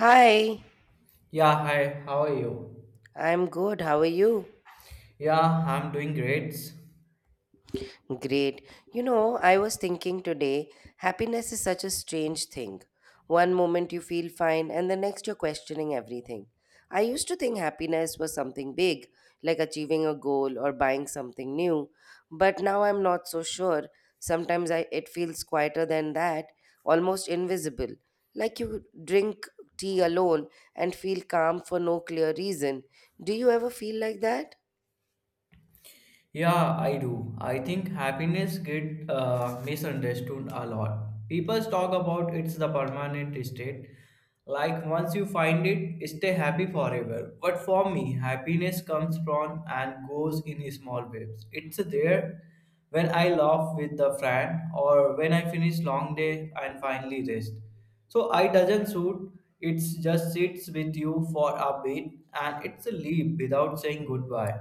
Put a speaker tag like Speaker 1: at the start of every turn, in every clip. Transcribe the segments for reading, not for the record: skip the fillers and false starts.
Speaker 1: Hi,
Speaker 2: Yeah, hi, how are you?
Speaker 1: I'm good. How are you?
Speaker 2: Yeah, I'm doing great.
Speaker 1: Great. You know, I was thinking today, happiness is such a strange thing. One moment you feel fine, and the next you're questioning everything. I used to think happiness was something big, like achieving a goal or buying something new, but now I'm not so sure. Sometimes it feels quieter than that, almost invisible, like you drink tea alone and feel calm for no clear reason. Do you ever feel like that?
Speaker 2: Yeah, I do. I think happiness get misunderstood a lot. People talk about it's the permanent state. Like once you find it, stay happy forever. But for me, happiness comes from and goes in small waves. It's there when I laugh with a friend or when I finish long day and finally rest. So I doesn't suit. It just sits with you for a bit and it's a leave without saying goodbye.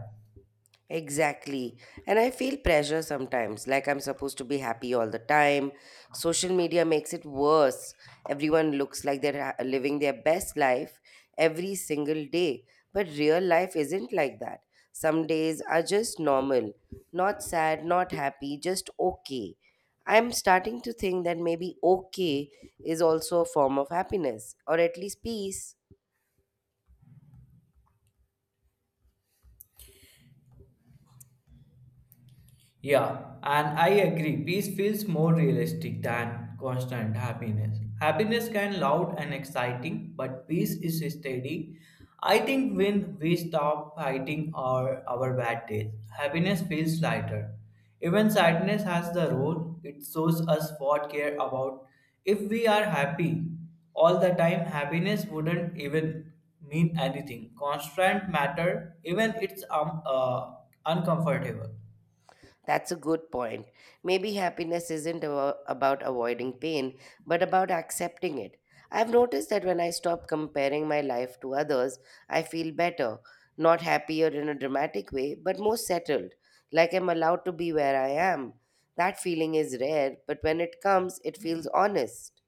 Speaker 1: Exactly. And I feel pressure sometimes, like I'm supposed to be happy all the time. Social media makes it worse. Everyone looks like living their best life every single day. But real life isn't like that. Some days are just normal, not sad, not happy, just okay. I'm starting to think that maybe okay is also a form of happiness, or at least peace.
Speaker 2: Yeah, and I agree. Peace feels more realistic than constant happiness. Happiness can loud and exciting, but peace is steady. I think when we stop fighting our bad days, happiness feels lighter. Even sadness has the role it shows us what care about. If we are happy all the time, happiness wouldn't even mean anything. Constant matter, even it's uncomfortable.
Speaker 1: That's a good point. Maybe happiness isn't about avoiding pain, but about accepting it. I've noticed that when I stop comparing my life to others, I feel better. Not happier in a dramatic way, but more settled, like I'm allowed to be where I am. That feeling is rare, but when it comes, it feels honest.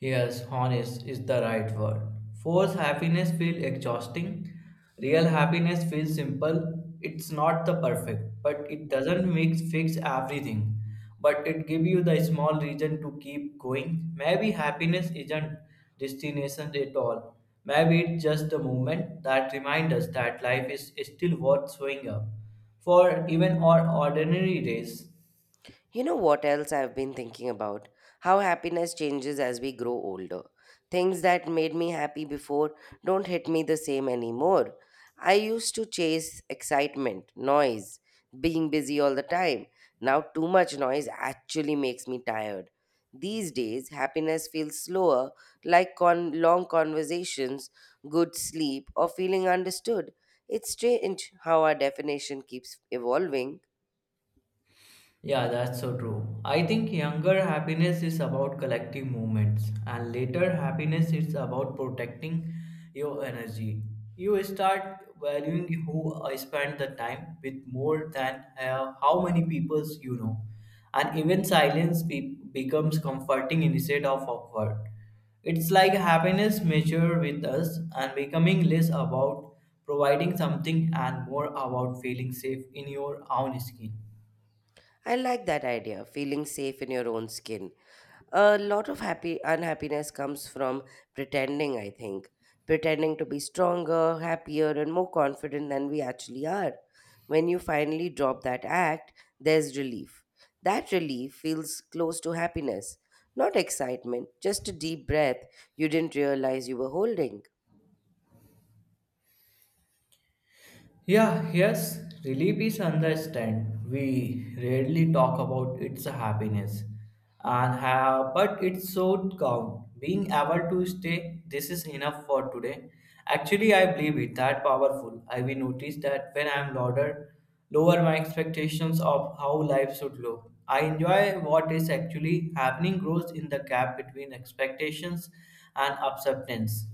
Speaker 2: Yes, honest is the right word. Forced happiness feels exhausting. Real happiness feels simple. It's not the perfect, but it doesn't mix fix everything. But it gives you the small reason to keep going. Maybe happiness isn't destination at all. Maybe it's just a moment that reminds us that life is still worth showing up for even our ordinary days.
Speaker 1: You know what else I've been thinking about? How happiness changes as we grow older. Things that made me happy before don't hit me the same anymore. I used to chase excitement, noise, being busy all the time. Now, too much noise actually makes me tired. These days, happiness feels slower, like long conversations, good sleep, or feeling understood. It's strange how our definition keeps evolving.
Speaker 2: Yeah, that's so true. I think younger happiness is about collecting moments, and later happiness is about protecting your energy. You start valuing who I spend the time with more than how many people you know, and even silence becomes comforting instead of awkward. It's like happiness measure with us and becoming less about providing something and more about feeling safe in your own skin.
Speaker 1: I like that idea, feeling safe in your own skin. A lot of happy unhappiness comes from pretending, I think. Pretending to be stronger, happier, and more confident than we actually are. When you finally drop that act, there's relief. That relief feels close to happiness, not excitement, just a deep breath you didn't realize you were holding.
Speaker 2: Yeah, yes, relief is understand. We rarely talk about its happiness, and have, but it's so calm. Being able to stay, this is enough for today. Actually, I believe it that powerful. I will notice that when I am louder, lower my expectations of how life should look. I enjoy what is actually happening grows in the gap between expectations and acceptance.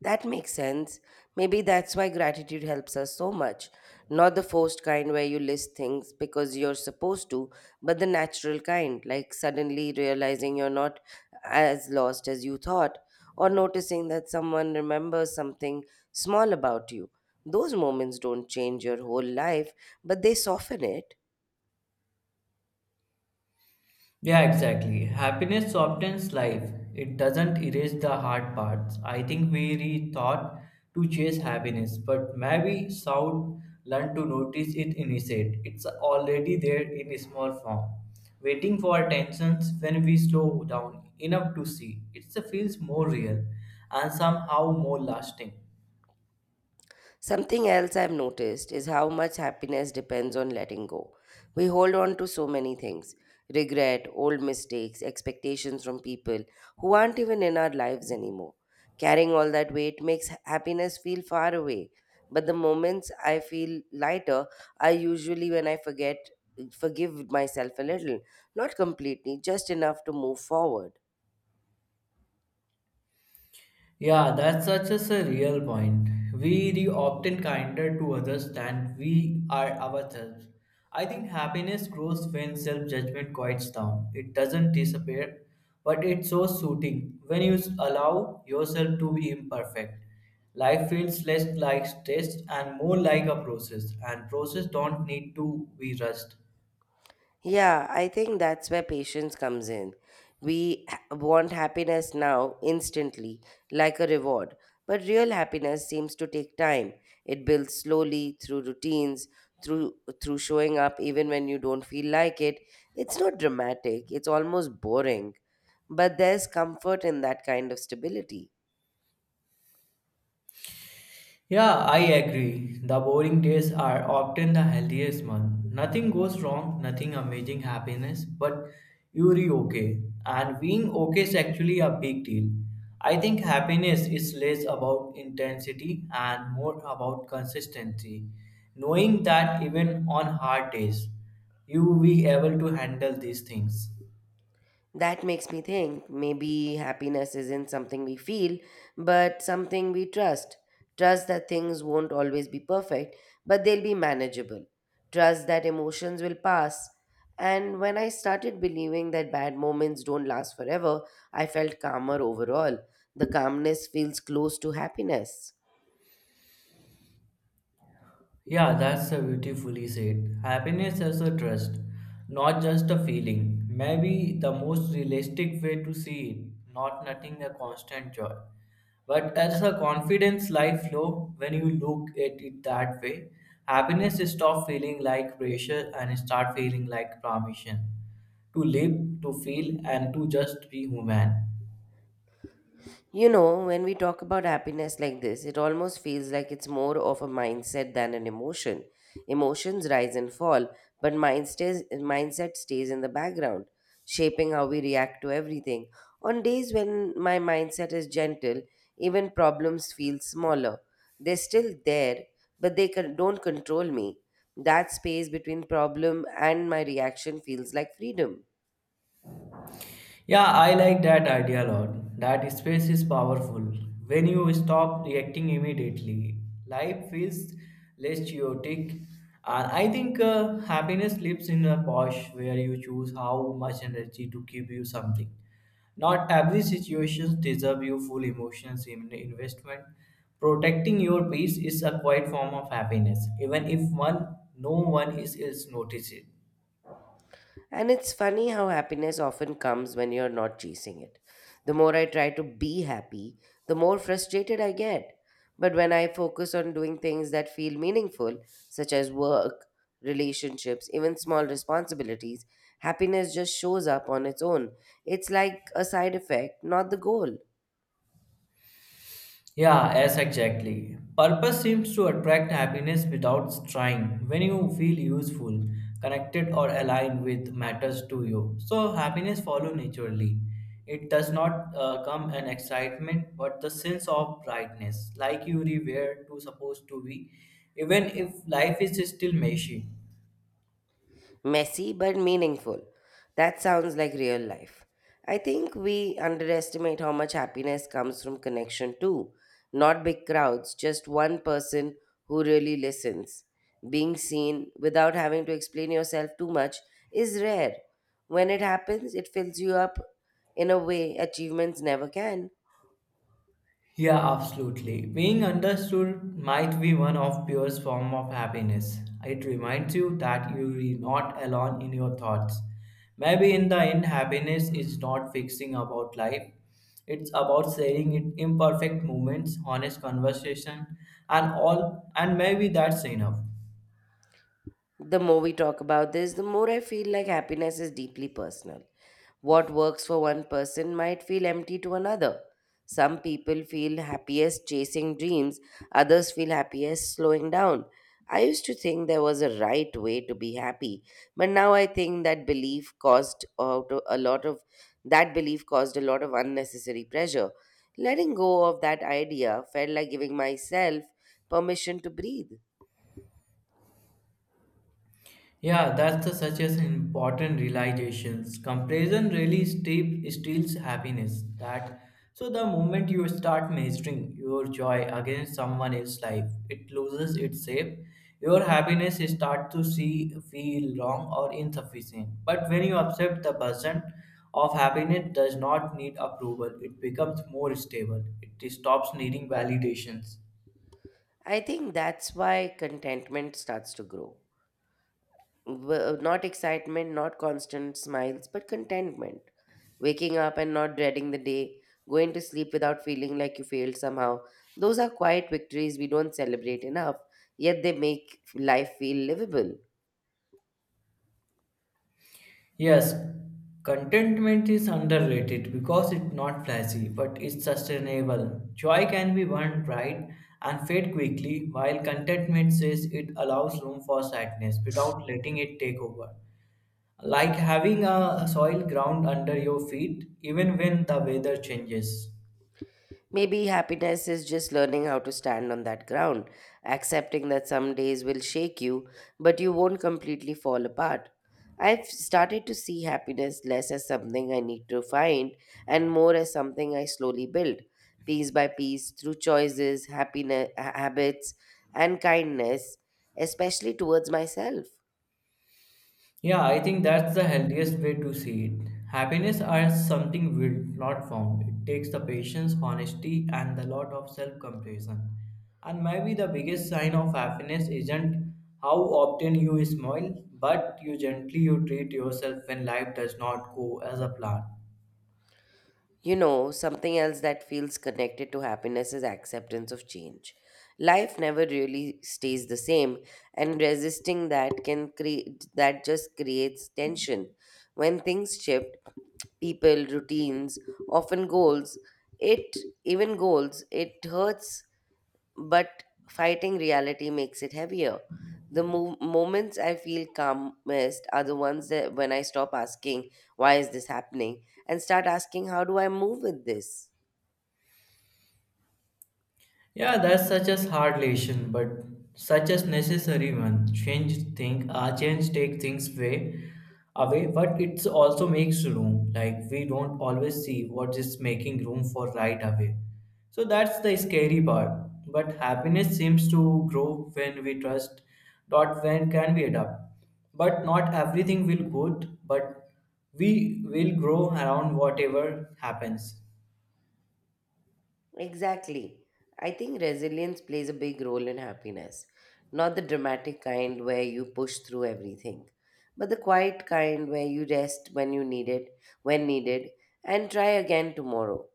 Speaker 1: That makes sense. Maybe that's why gratitude helps us so much. Not the forced kind where you list things because you're supposed to, but the natural kind, like suddenly realizing you're not as lost as you thought, or noticing that someone remembers something small about you. Those moments don't change your whole life, but they soften it.
Speaker 2: Yeah, exactly. Happiness softens life. It doesn't erase the hard parts. I think we rethought to chase happiness, but maybe sound learn to notice it instead. It's already there in a small form. Waiting for attentions when we slow down enough to see. It feels more real and somehow more lasting.
Speaker 1: Something else I've noticed is how much happiness depends on letting go. We hold on to so many things regret, old mistakes, expectations from people who aren't even in our lives anymore. Carrying all that weight makes happiness feel far away. But the moments I feel lighter are usually when I forget, forgive myself a little. Not completely, just enough to move forward.
Speaker 2: Yeah, that's such a real point. We re often kinder to others than we are ourselves. I think happiness grows when self judgment quiets down. It doesn't disappear, but it's so soothing when you allow yourself to be imperfect. Life feels less like stress and more like a process, and process don't need to be rushed.
Speaker 1: Yeah, I think that's where patience comes in. We want happiness now, instantly, like a reward. But real happiness seems to take time. It builds slowly through routines, through through showing up even when you don't feel like it. It's not dramatic, it's almost boring. But there's comfort in that kind of stability.
Speaker 2: Yeah, I agree. The boring days are often the healthiest one. Nothing goes wrong, nothing amazing happiness, but you're okay. And being okay is actually a big deal. I think happiness is less about intensity and more about consistency. Knowing that even on hard days, you will be able to handle these things.
Speaker 1: That makes me think maybe happiness isn't something we feel, but something we trust. Trust that things won't always be perfect, but they'll be manageable. Trust that emotions will pass. And when I started believing that bad moments don't last forever, I felt calmer overall. The calmness feels close to happiness.
Speaker 2: Yeah, that's a beautifully said. Happiness as a trust, not just a feeling. Maybe the most realistic way to see it, not nothing a constant joy. But as a confidence life flow, when you look at it that way, happiness stop feeling like pressure and start feeling like permission to live, to feel, and to just be human.
Speaker 1: You know, when we talk about happiness like this, it almost feels like it's more of a mindset than an emotion. Emotions rise and fall, but mindset stays in the background, shaping how we react to everything. On days when my mindset is gentle, even problems feel smaller. They're still there, but don't control me. That space between problem and my reaction feels like freedom.
Speaker 2: Yeah, I like that idea a lot. That space is powerful. When you stop reacting immediately, life feels less chaotic. And I think happiness lives in a pause where you choose how much energy to give you something. Not every situation deserves you full emotions in investment. Protecting your peace is a quiet form of happiness, even if one no one is noticed.
Speaker 1: And it's funny how happiness often comes when you're not chasing it. The more I try to be happy, the more frustrated I get. But when I focus on doing things that feel meaningful, such as work, relationships, even small responsibilities, happiness just shows up on its own. It's like a side effect, not the goal.
Speaker 2: Yeah, yes, exactly. Purpose seems to attract happiness without trying. When you feel useful, connected, or aligned with matters to you, so happiness follows naturally. It does not come an excitement, but the sense of brightness, like you were to supposed to be, even if life is still messy.
Speaker 1: Messy but meaningful. That sounds like real life. I think we underestimate how much happiness comes from connection too. Not big crowds, just one person who really listens. Being seen without having to explain yourself too much is rare. When it happens, it fills you up in a way achievements never can.
Speaker 2: Yeah, absolutely. Being understood might be one of purest form of happiness. It reminds you that you are not alone in your thoughts. Maybe in the end, happiness is not fixing about life. It's about sharing it imperfect moments, honest conversation, and all. And maybe that's enough.
Speaker 1: The more we talk about this, the more I feel like happiness is deeply personal. What works for one person might feel empty to another. Some people feel happiest chasing dreams, others feel happiest slowing down. I used to think there was a right way to be happy, but now I think that belief caused a lot of unnecessary pressure. Letting go of that idea felt like giving myself permission to breathe.
Speaker 2: Yeah, such as an important realizations. Comparison really steep, steals happiness. That so the moment you start measuring your joy against someone else's life, it loses its shape. Your happiness start to see feel wrong or insufficient. But when you accept the person of happiness does not need approval, it becomes more stable. It stops needing validations.
Speaker 1: I think that's why contentment starts to grow. Not excitement, not constant smiles, but contentment. Waking up and not dreading the day, going to sleep without feeling like you failed somehow. Those are quiet victories we don't celebrate enough, yet they make life feel livable.
Speaker 2: Yes, contentment is underrated because it's not flashy, but it's sustainable. Joy can be earned, right, and fade quickly, while contentment says it allows room for sadness without letting it take over. Like having a soil ground under your feet, even when the weather changes.
Speaker 1: Maybe happiness is just learning how to stand on that ground, accepting that some days will shake you, but you won't completely fall apart. I've started to see happiness less as something I need to find and more as something I slowly build, piece by piece, through choices, happiness, habits, and kindness, especially towards myself.
Speaker 2: Yeah, I think that's the healthiest way to see it. Happiness as something built, not found. It takes the patience, honesty, and a lot of self compassion. And maybe the biggest sign of happiness isn't how often you smile, but you gently you treat yourself when life does not go as a plan.
Speaker 1: You know, something else that feels connected to happiness is acceptance of change. Life never really stays the same, and resisting that can create that just creates tension. When things shift, people, routines, often goals, it even goals, it hurts but fighting reality makes it heavier. The moments I feel calmest are the ones that when I stop asking, why is this happening? And start asking, how do I move with this?
Speaker 2: Yeah, that's such a hard lesson, but such a necessary one. Change take things way away, but it also makes room. Like we don't always see what is making room for right away. So that's the scary part. But happiness seems to grow when we trust. Dot when can we adapt? But not everything will good, but we will grow around whatever happens.
Speaker 1: Exactly. I think resilience plays a big role in happiness. Not the dramatic kind where you push through everything, but the quiet kind where you rest when needed, and try again tomorrow.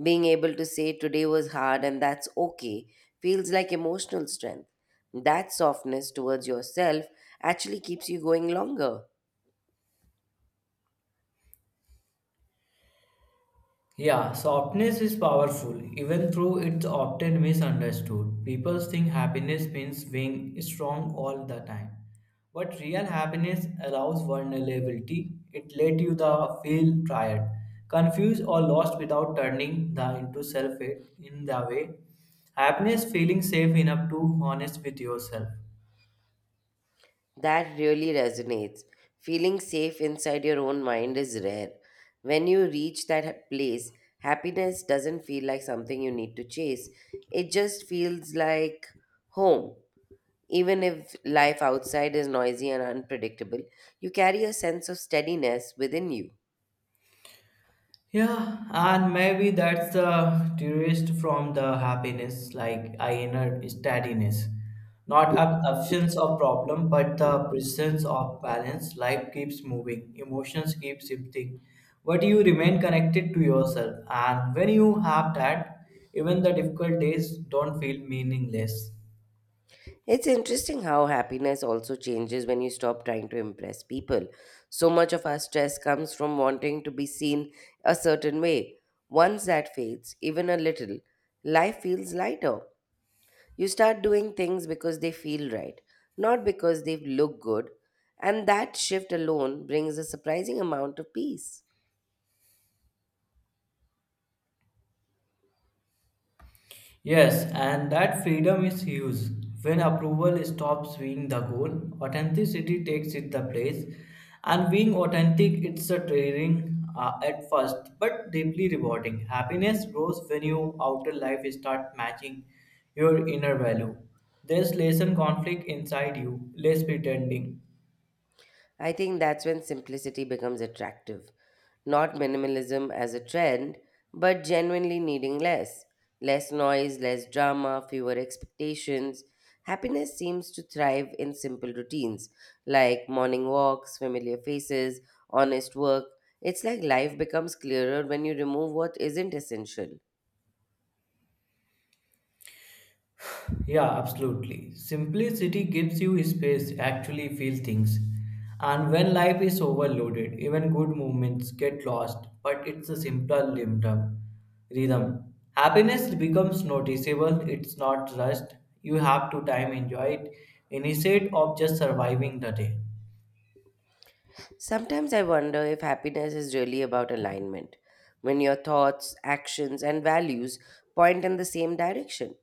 Speaker 1: Being able to say today was hard and that's okay feels like emotional strength. That softness towards yourself actually keeps you going longer.
Speaker 2: Yeah, softness is powerful, even though it's often misunderstood. People think happiness means being strong all the time. But real happiness allows vulnerability. It let you the feel tired, confused or lost without turning the into self hate in the way. Happiness feeling safe enough to honest with yourself.
Speaker 1: That really resonates. Feeling safe inside your own mind is rare. When you reach that place, happiness doesn't feel like something you need to chase. It just feels like home. Even if life outside is noisy and unpredictable, you carry a sense of steadiness within you.
Speaker 2: Yeah, and maybe that's the tourist from the happiness, like inner steadiness. Not absence of problem, but the presence of balance. Life keeps moving, emotions keep shifting, but you remain connected to yourself. And when you have that, even the difficult days don't feel meaningless.
Speaker 1: It's interesting how happiness also changes when you stop trying to impress people. So much of our stress comes from wanting to be seen a certain way. Once that fades, even a little, life feels lighter. You start doing things because they feel right, not because they look good, and that shift alone brings a surprising amount of peace.
Speaker 2: Yes, and that freedom is huge. When approval stops being the goal, authenticity takes it the place. And being authentic, it's a tiring at first, but deeply rewarding. Happiness grows when your outer life start matching your inner value. There's less conflict inside you, less pretending.
Speaker 1: I think that's when simplicity becomes attractive. Not minimalism as a trend, but genuinely needing less. Less noise, less drama, fewer expectations. Happiness seems to thrive in simple routines like morning walks, familiar faces, honest work. It's like life becomes clearer when you remove what isn't essential.
Speaker 2: Yeah, absolutely. Simplicity gives you space to actually feel things. And when life is overloaded, even good movements get lost, but it's a simpler rhythm. Happiness becomes noticeable, it's not rushed. You have to time enjoy it instead of just surviving the day.
Speaker 1: Sometimes I wonder if happiness is really about alignment, when your thoughts, actions, and values point in the same direction.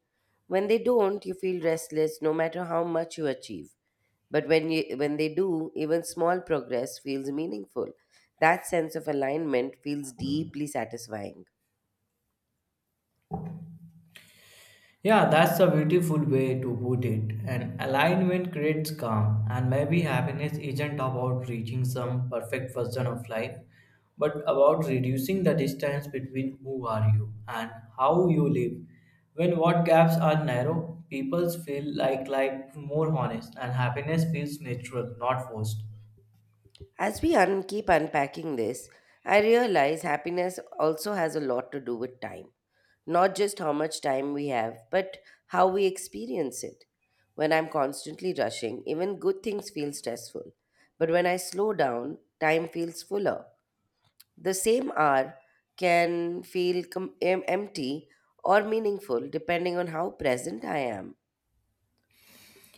Speaker 1: When they don't, you feel restless no matter how much you achieve. But when they do, even small progress feels meaningful. That sense of alignment feels deeply satisfying.
Speaker 2: Yeah, that's a beautiful way to put it. And alignment creates calm, and maybe happiness isn't about reaching some perfect version of life, but about reducing the distance between who are you and how you live. When what gaps are narrow, people feel like more honest, and happiness feels natural, not forced.
Speaker 1: As we keep unpacking this, I realize happiness also has a lot to do with time. Not just how much time we have, but how we experience it. When I'm constantly rushing, even good things feel stressful. But when I slow down, time feels fuller. The same hour can feel empty or meaningful depending on how present I am.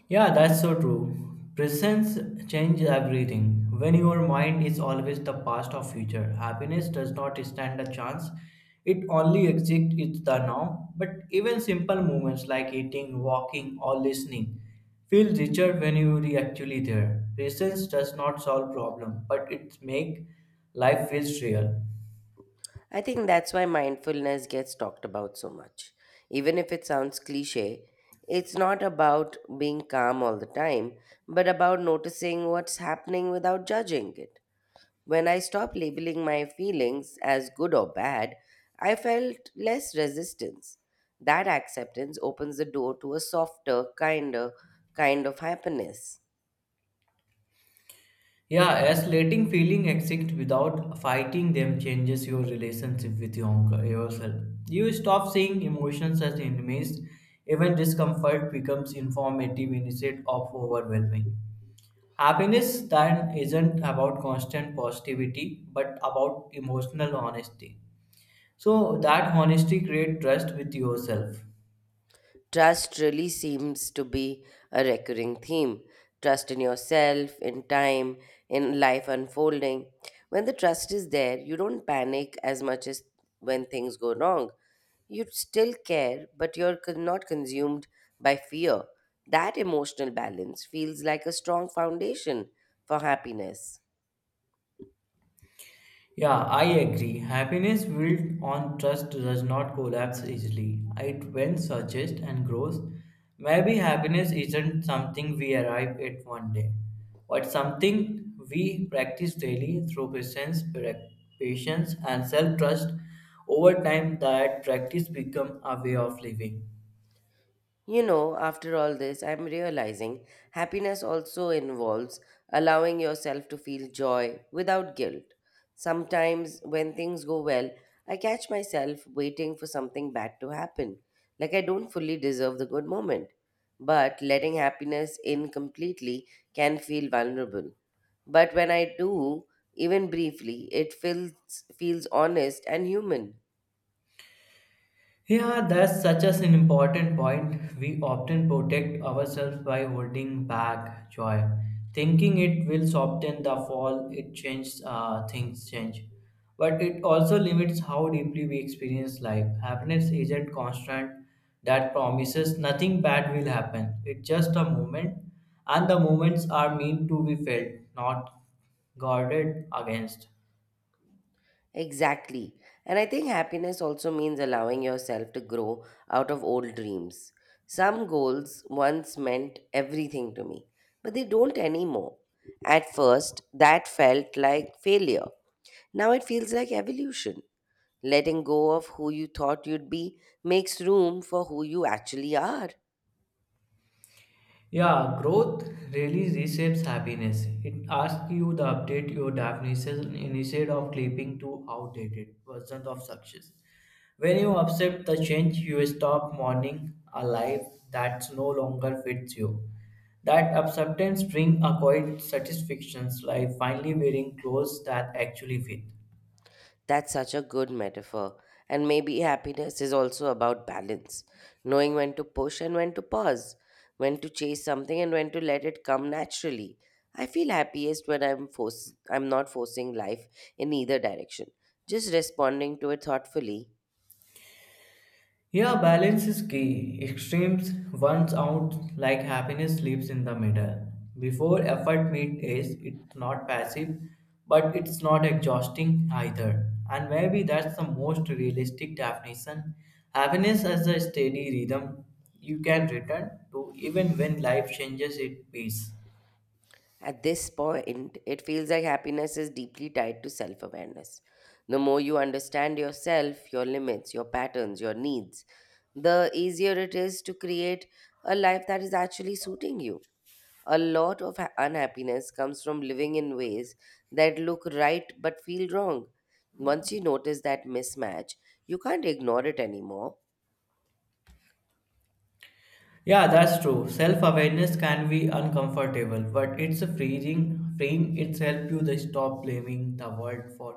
Speaker 2: Yeah, that's so true. Presence changes everything. When your mind is always the past or future, happiness does not stand a chance. It only exists in the now. But even simple moments like eating, walking, or listening feel richer when you are actually there. Presence does not solve problem, but it make life feels real.
Speaker 1: I think that's why mindfulness gets talked about so much. Even if it sounds cliche, it's not about being calm all the time, but about noticing what's happening without judging it. When I stopped labeling my feelings as good or bad, I felt less resistance. That acceptance opens the door to a softer, kinder kind of happiness.
Speaker 2: Yeah, as letting feeling exist without fighting them changes your relationship with yourself. You stop seeing emotions as enemies. Even discomfort becomes informative instead of overwhelming. Happiness then isn't about constant positivity, but about emotional honesty. So that honesty creates trust with yourself.
Speaker 1: Trust really seems to be a recurring theme. Trust in yourself, in time, in life unfolding. When the trust is there, you don't panic as much as when things go wrong. You still care, but not consumed by fear. That emotional balance feels like a strong foundation for happiness.
Speaker 2: Yeah, I agree. Happiness built on trust does not collapse easily. It when searches and grows. Maybe happiness isn't something we arrive at one day, but something we practice daily through patience and self-trust. Over time, that practice becomes a way of living.
Speaker 1: You know, after all this, I'm realizing happiness also involves allowing yourself to feel joy without guilt. Sometimes, when things go well, I catch myself waiting for something bad to happen, like I don't fully deserve the good moment. But letting happiness in completely can feel vulnerable. But when I do, even briefly, feels honest and human.
Speaker 2: Yeah, that's such as an important point. We often protect ourselves by holding back joy, thinking it will soften the fall. It changes things change, but it also limits how deeply we experience life. Happiness isn't constant. That promises nothing bad will happen. It's just a moment, and the moments are meant to be felt, not guarded against.
Speaker 1: Exactly. And I think happiness also means allowing yourself to grow out of old dreams. Some goals once meant everything to me, but they don't anymore. At first, that felt like failure. Now it feels like evolution. Letting go of who you thought you'd be makes room for who you actually are.
Speaker 2: Yeah, growth really reshapes happiness. It asks you to update your definition instead of clinging to outdated versions of success. When you accept the change, you stop mourning a life that no longer fits you. That acceptance brings a quiet satisfaction, like finally wearing clothes that actually fit.
Speaker 1: That's such a good metaphor. And maybe happiness is also about balance, knowing when to push and when to pause, when to chase something and when to let it come naturally. I feel happiest when I'm not forcing life in either direction, just responding to it thoughtfully.
Speaker 2: Yeah, balance is key. Extremes runs out like happiness lives in the middle. Before effort meets is it's not passive, but it's not exhausting either. And maybe that's the most realistic definition. Happiness as a steady rhythm you can return to even when life changes its pace.
Speaker 1: At this point, it feels like happiness is deeply tied to self awareness. The more you understand yourself, your limits, your patterns, your needs, the easier it is to create a life that is actually suiting you. A lot of unhappiness comes from living in ways that look right but feel wrong. Once you notice that mismatch, you can't ignore it anymore.
Speaker 2: Yeah, that's true. Self-awareness can be uncomfortable, but it's a freeing. It's help you to stop blaming the world for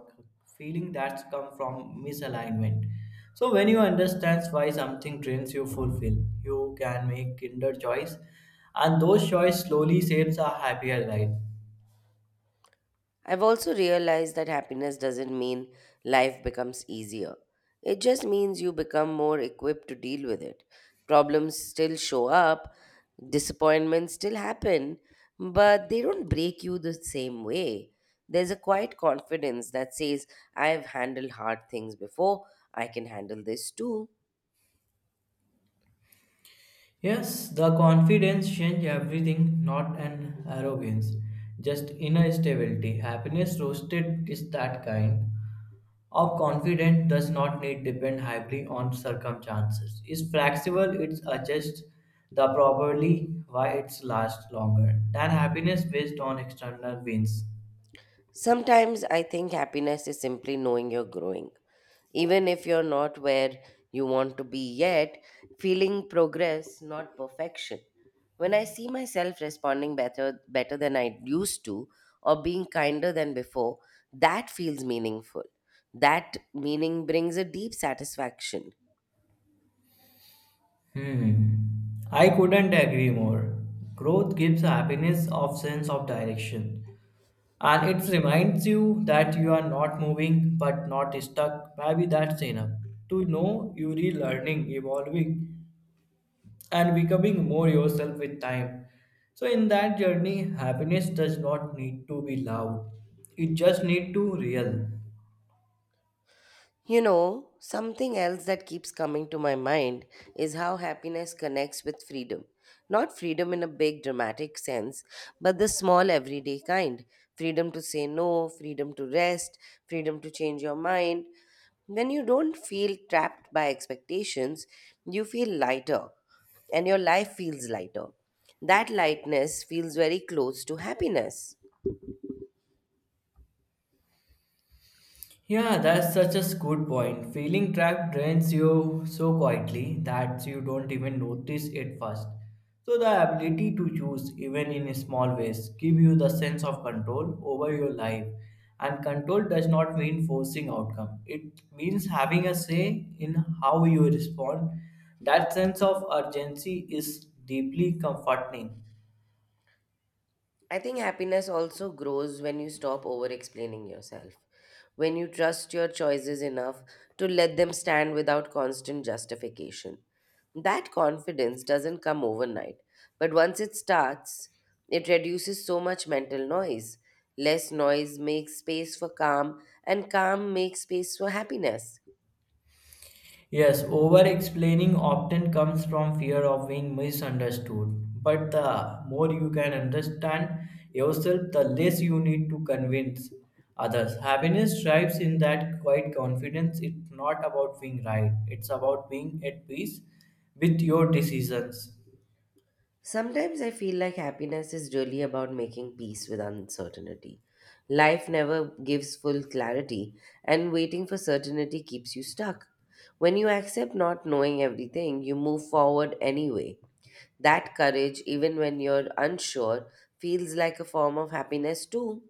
Speaker 2: feeling that's come from misalignment. So when you understand why something drains you fulfill, you can make kinder choice, and those choice slowly shapes a happier life.
Speaker 1: I've also realized that happiness doesn't mean life becomes easier. It just means you become more equipped to deal with it. Problems still show up, disappointments still happen, but they don't break you the same way. There's a quiet confidence that says, I've handled hard things before, I can handle this too.
Speaker 2: Yes, the confidence change everything, not an arrogance, just inner stability. Happiness roasted is that kind of confidence does not need depend heavily on circumstances. It's flexible, it's adjusts the properly why it's lasts longer than happiness based on external wins.
Speaker 1: Sometimes I think happiness is simply knowing you're growing. Even if you're not where you want to be yet, feeling progress, not perfection. When I see myself responding better than I used to or being kinder than before, that feels meaningful. That meaning brings a deep satisfaction.
Speaker 2: Hmm. I couldn't agree more. Growth gives happiness of sense of direction. And it reminds you that you are not moving but not stuck. Maybe that's enough. To know you're learning, evolving, and becoming more yourself with time. So in that journey, happiness does not need to be loud. It just need to real.
Speaker 1: You know, something else that keeps coming to my mind is how happiness connects with freedom. Not freedom in a big dramatic sense, but the small everyday kind. Freedom to say no, freedom to rest, freedom to change your mind. When you don't feel trapped by expectations, you feel lighter and your life feels lighter. That lightness feels very close to happiness.
Speaker 2: Yeah, that's such a good point. Feeling trapped drains you so quietly that you don't even notice it first. So the ability to choose, even in small ways, give you the sense of control over your life. And control does not mean forcing outcome. It means having a say in how you respond. That sense of urgency is deeply comforting.
Speaker 1: I think happiness also grows when you stop over explaining yourself, when you trust your choices enough to let them stand without constant justification. That confidence doesn't come overnight, but once it starts, it reduces so much mental noise. Less noise makes space for calm, and calm makes space for happiness.
Speaker 2: Yes, over explaining often comes from fear of being misunderstood. But the more you can understand yourself, the less you need to convince others. Happiness thrives in that quiet confidence. It's not about being right, it's about being at peace with your decisions.
Speaker 1: Sometimes I feel like happiness is really about making peace with uncertainty. Life never gives full clarity, and waiting for certainty keeps you stuck. When you accept not knowing everything, you move forward anyway. That courage, even when you're unsure, feels like a form of happiness too.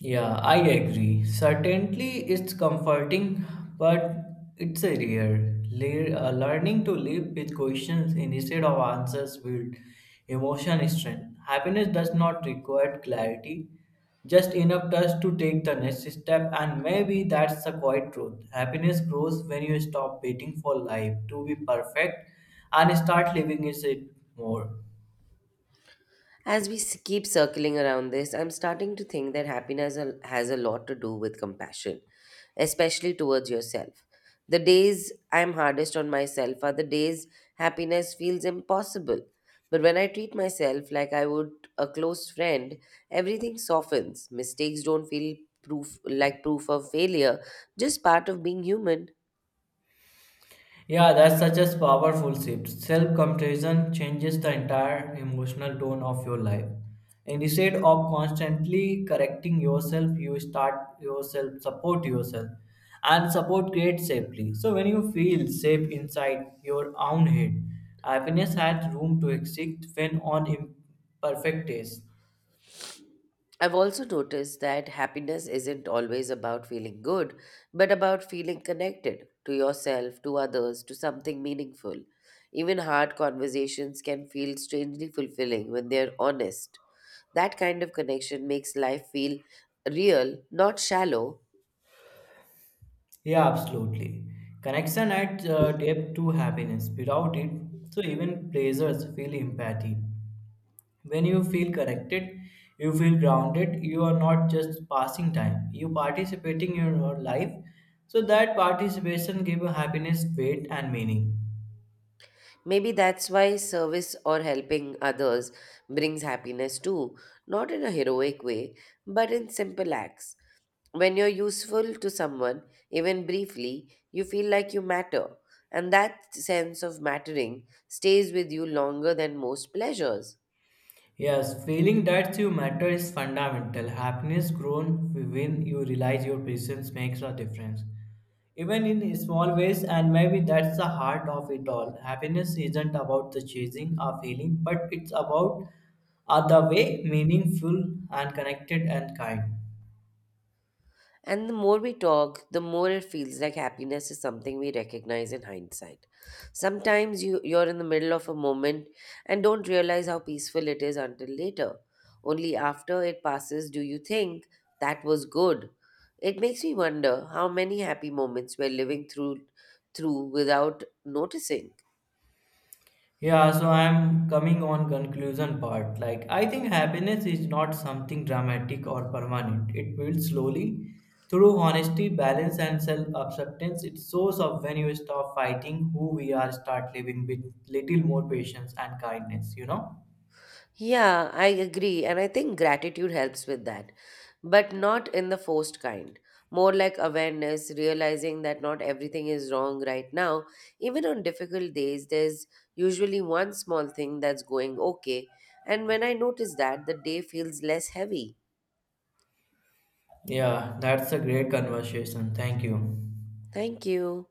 Speaker 2: Yeah, I agree. Certainly, it's comforting, but it's a rare. Learning to live with questions instead of answers build emotion strength. Happiness does not require clarity, just enough trust to take the next step, and maybe that's the quiet truth. Happiness grows when you stop waiting for life to be perfect and start living it more.
Speaker 1: As we keep circling around this, I'm starting to think that happiness has a lot to do with compassion, especially towards yourself. The days I'm hardest on myself are the days happiness feels impossible. But when I treat myself like I would a close friend, everything softens. Mistakes don't feel proof of failure, just part of being human.
Speaker 2: Yeah, that's such a powerful shift. Self compassion changes the entire emotional tone of your life. And instead of constantly correcting yourself, you start yourself, support yourself, and support creates safely. So, when you feel safe inside your own head, happiness has room to exist when on imperfect days.
Speaker 1: I've also noticed that happiness isn't always about feeling good, but about feeling connected to yourself, to others, to something meaningful. Even hard conversations can feel strangely fulfilling when they're honest. That kind of connection makes life feel real, not shallow.
Speaker 2: Yeah, absolutely. Connection adds depth to happiness. Without it, so even pleasures feel empathy. When you feel connected, you feel grounded, you are not just passing time, you participating in your life. So that participation give you happiness, weight and meaning.
Speaker 1: Maybe that's why service or helping others brings happiness too, not in a heroic way, but in simple acts. When you're useful to someone, even briefly, you feel like you matter, and that sense of mattering stays with you longer than most pleasures.
Speaker 2: Yes, feeling that you matter is fundamental. Happiness grown when you realize your presence makes a difference. Even in small ways, and maybe that's the heart of it all. Happiness isn't about the chasing or feeling, but it's about are the way meaningful and connected and kind.
Speaker 1: And the more we talk, the more it feels like happiness is something we recognize in hindsight. You're in the middle of a moment and don't realize how peaceful it is until later. Only after it passes do you think that was good. It makes me wonder how many happy moments we're living through without noticing.
Speaker 2: Yeah, so I'm coming on conclusion part. Like I think happiness is not something dramatic or permanent. It builds slowly through honesty, balance and self-acceptance. It shows up when you stop fighting who we are, start living with little more patience and kindness, you know?
Speaker 1: Yeah, I agree. And I think gratitude helps with that, but not in the forced kind. More like awareness, realizing that not everything is wrong right now. Even on difficult days, there's usually one small thing that's going okay. And when I notice that, the day feels less heavy.
Speaker 2: Yeah, that's a great conversation. Thank you.
Speaker 1: Thank you.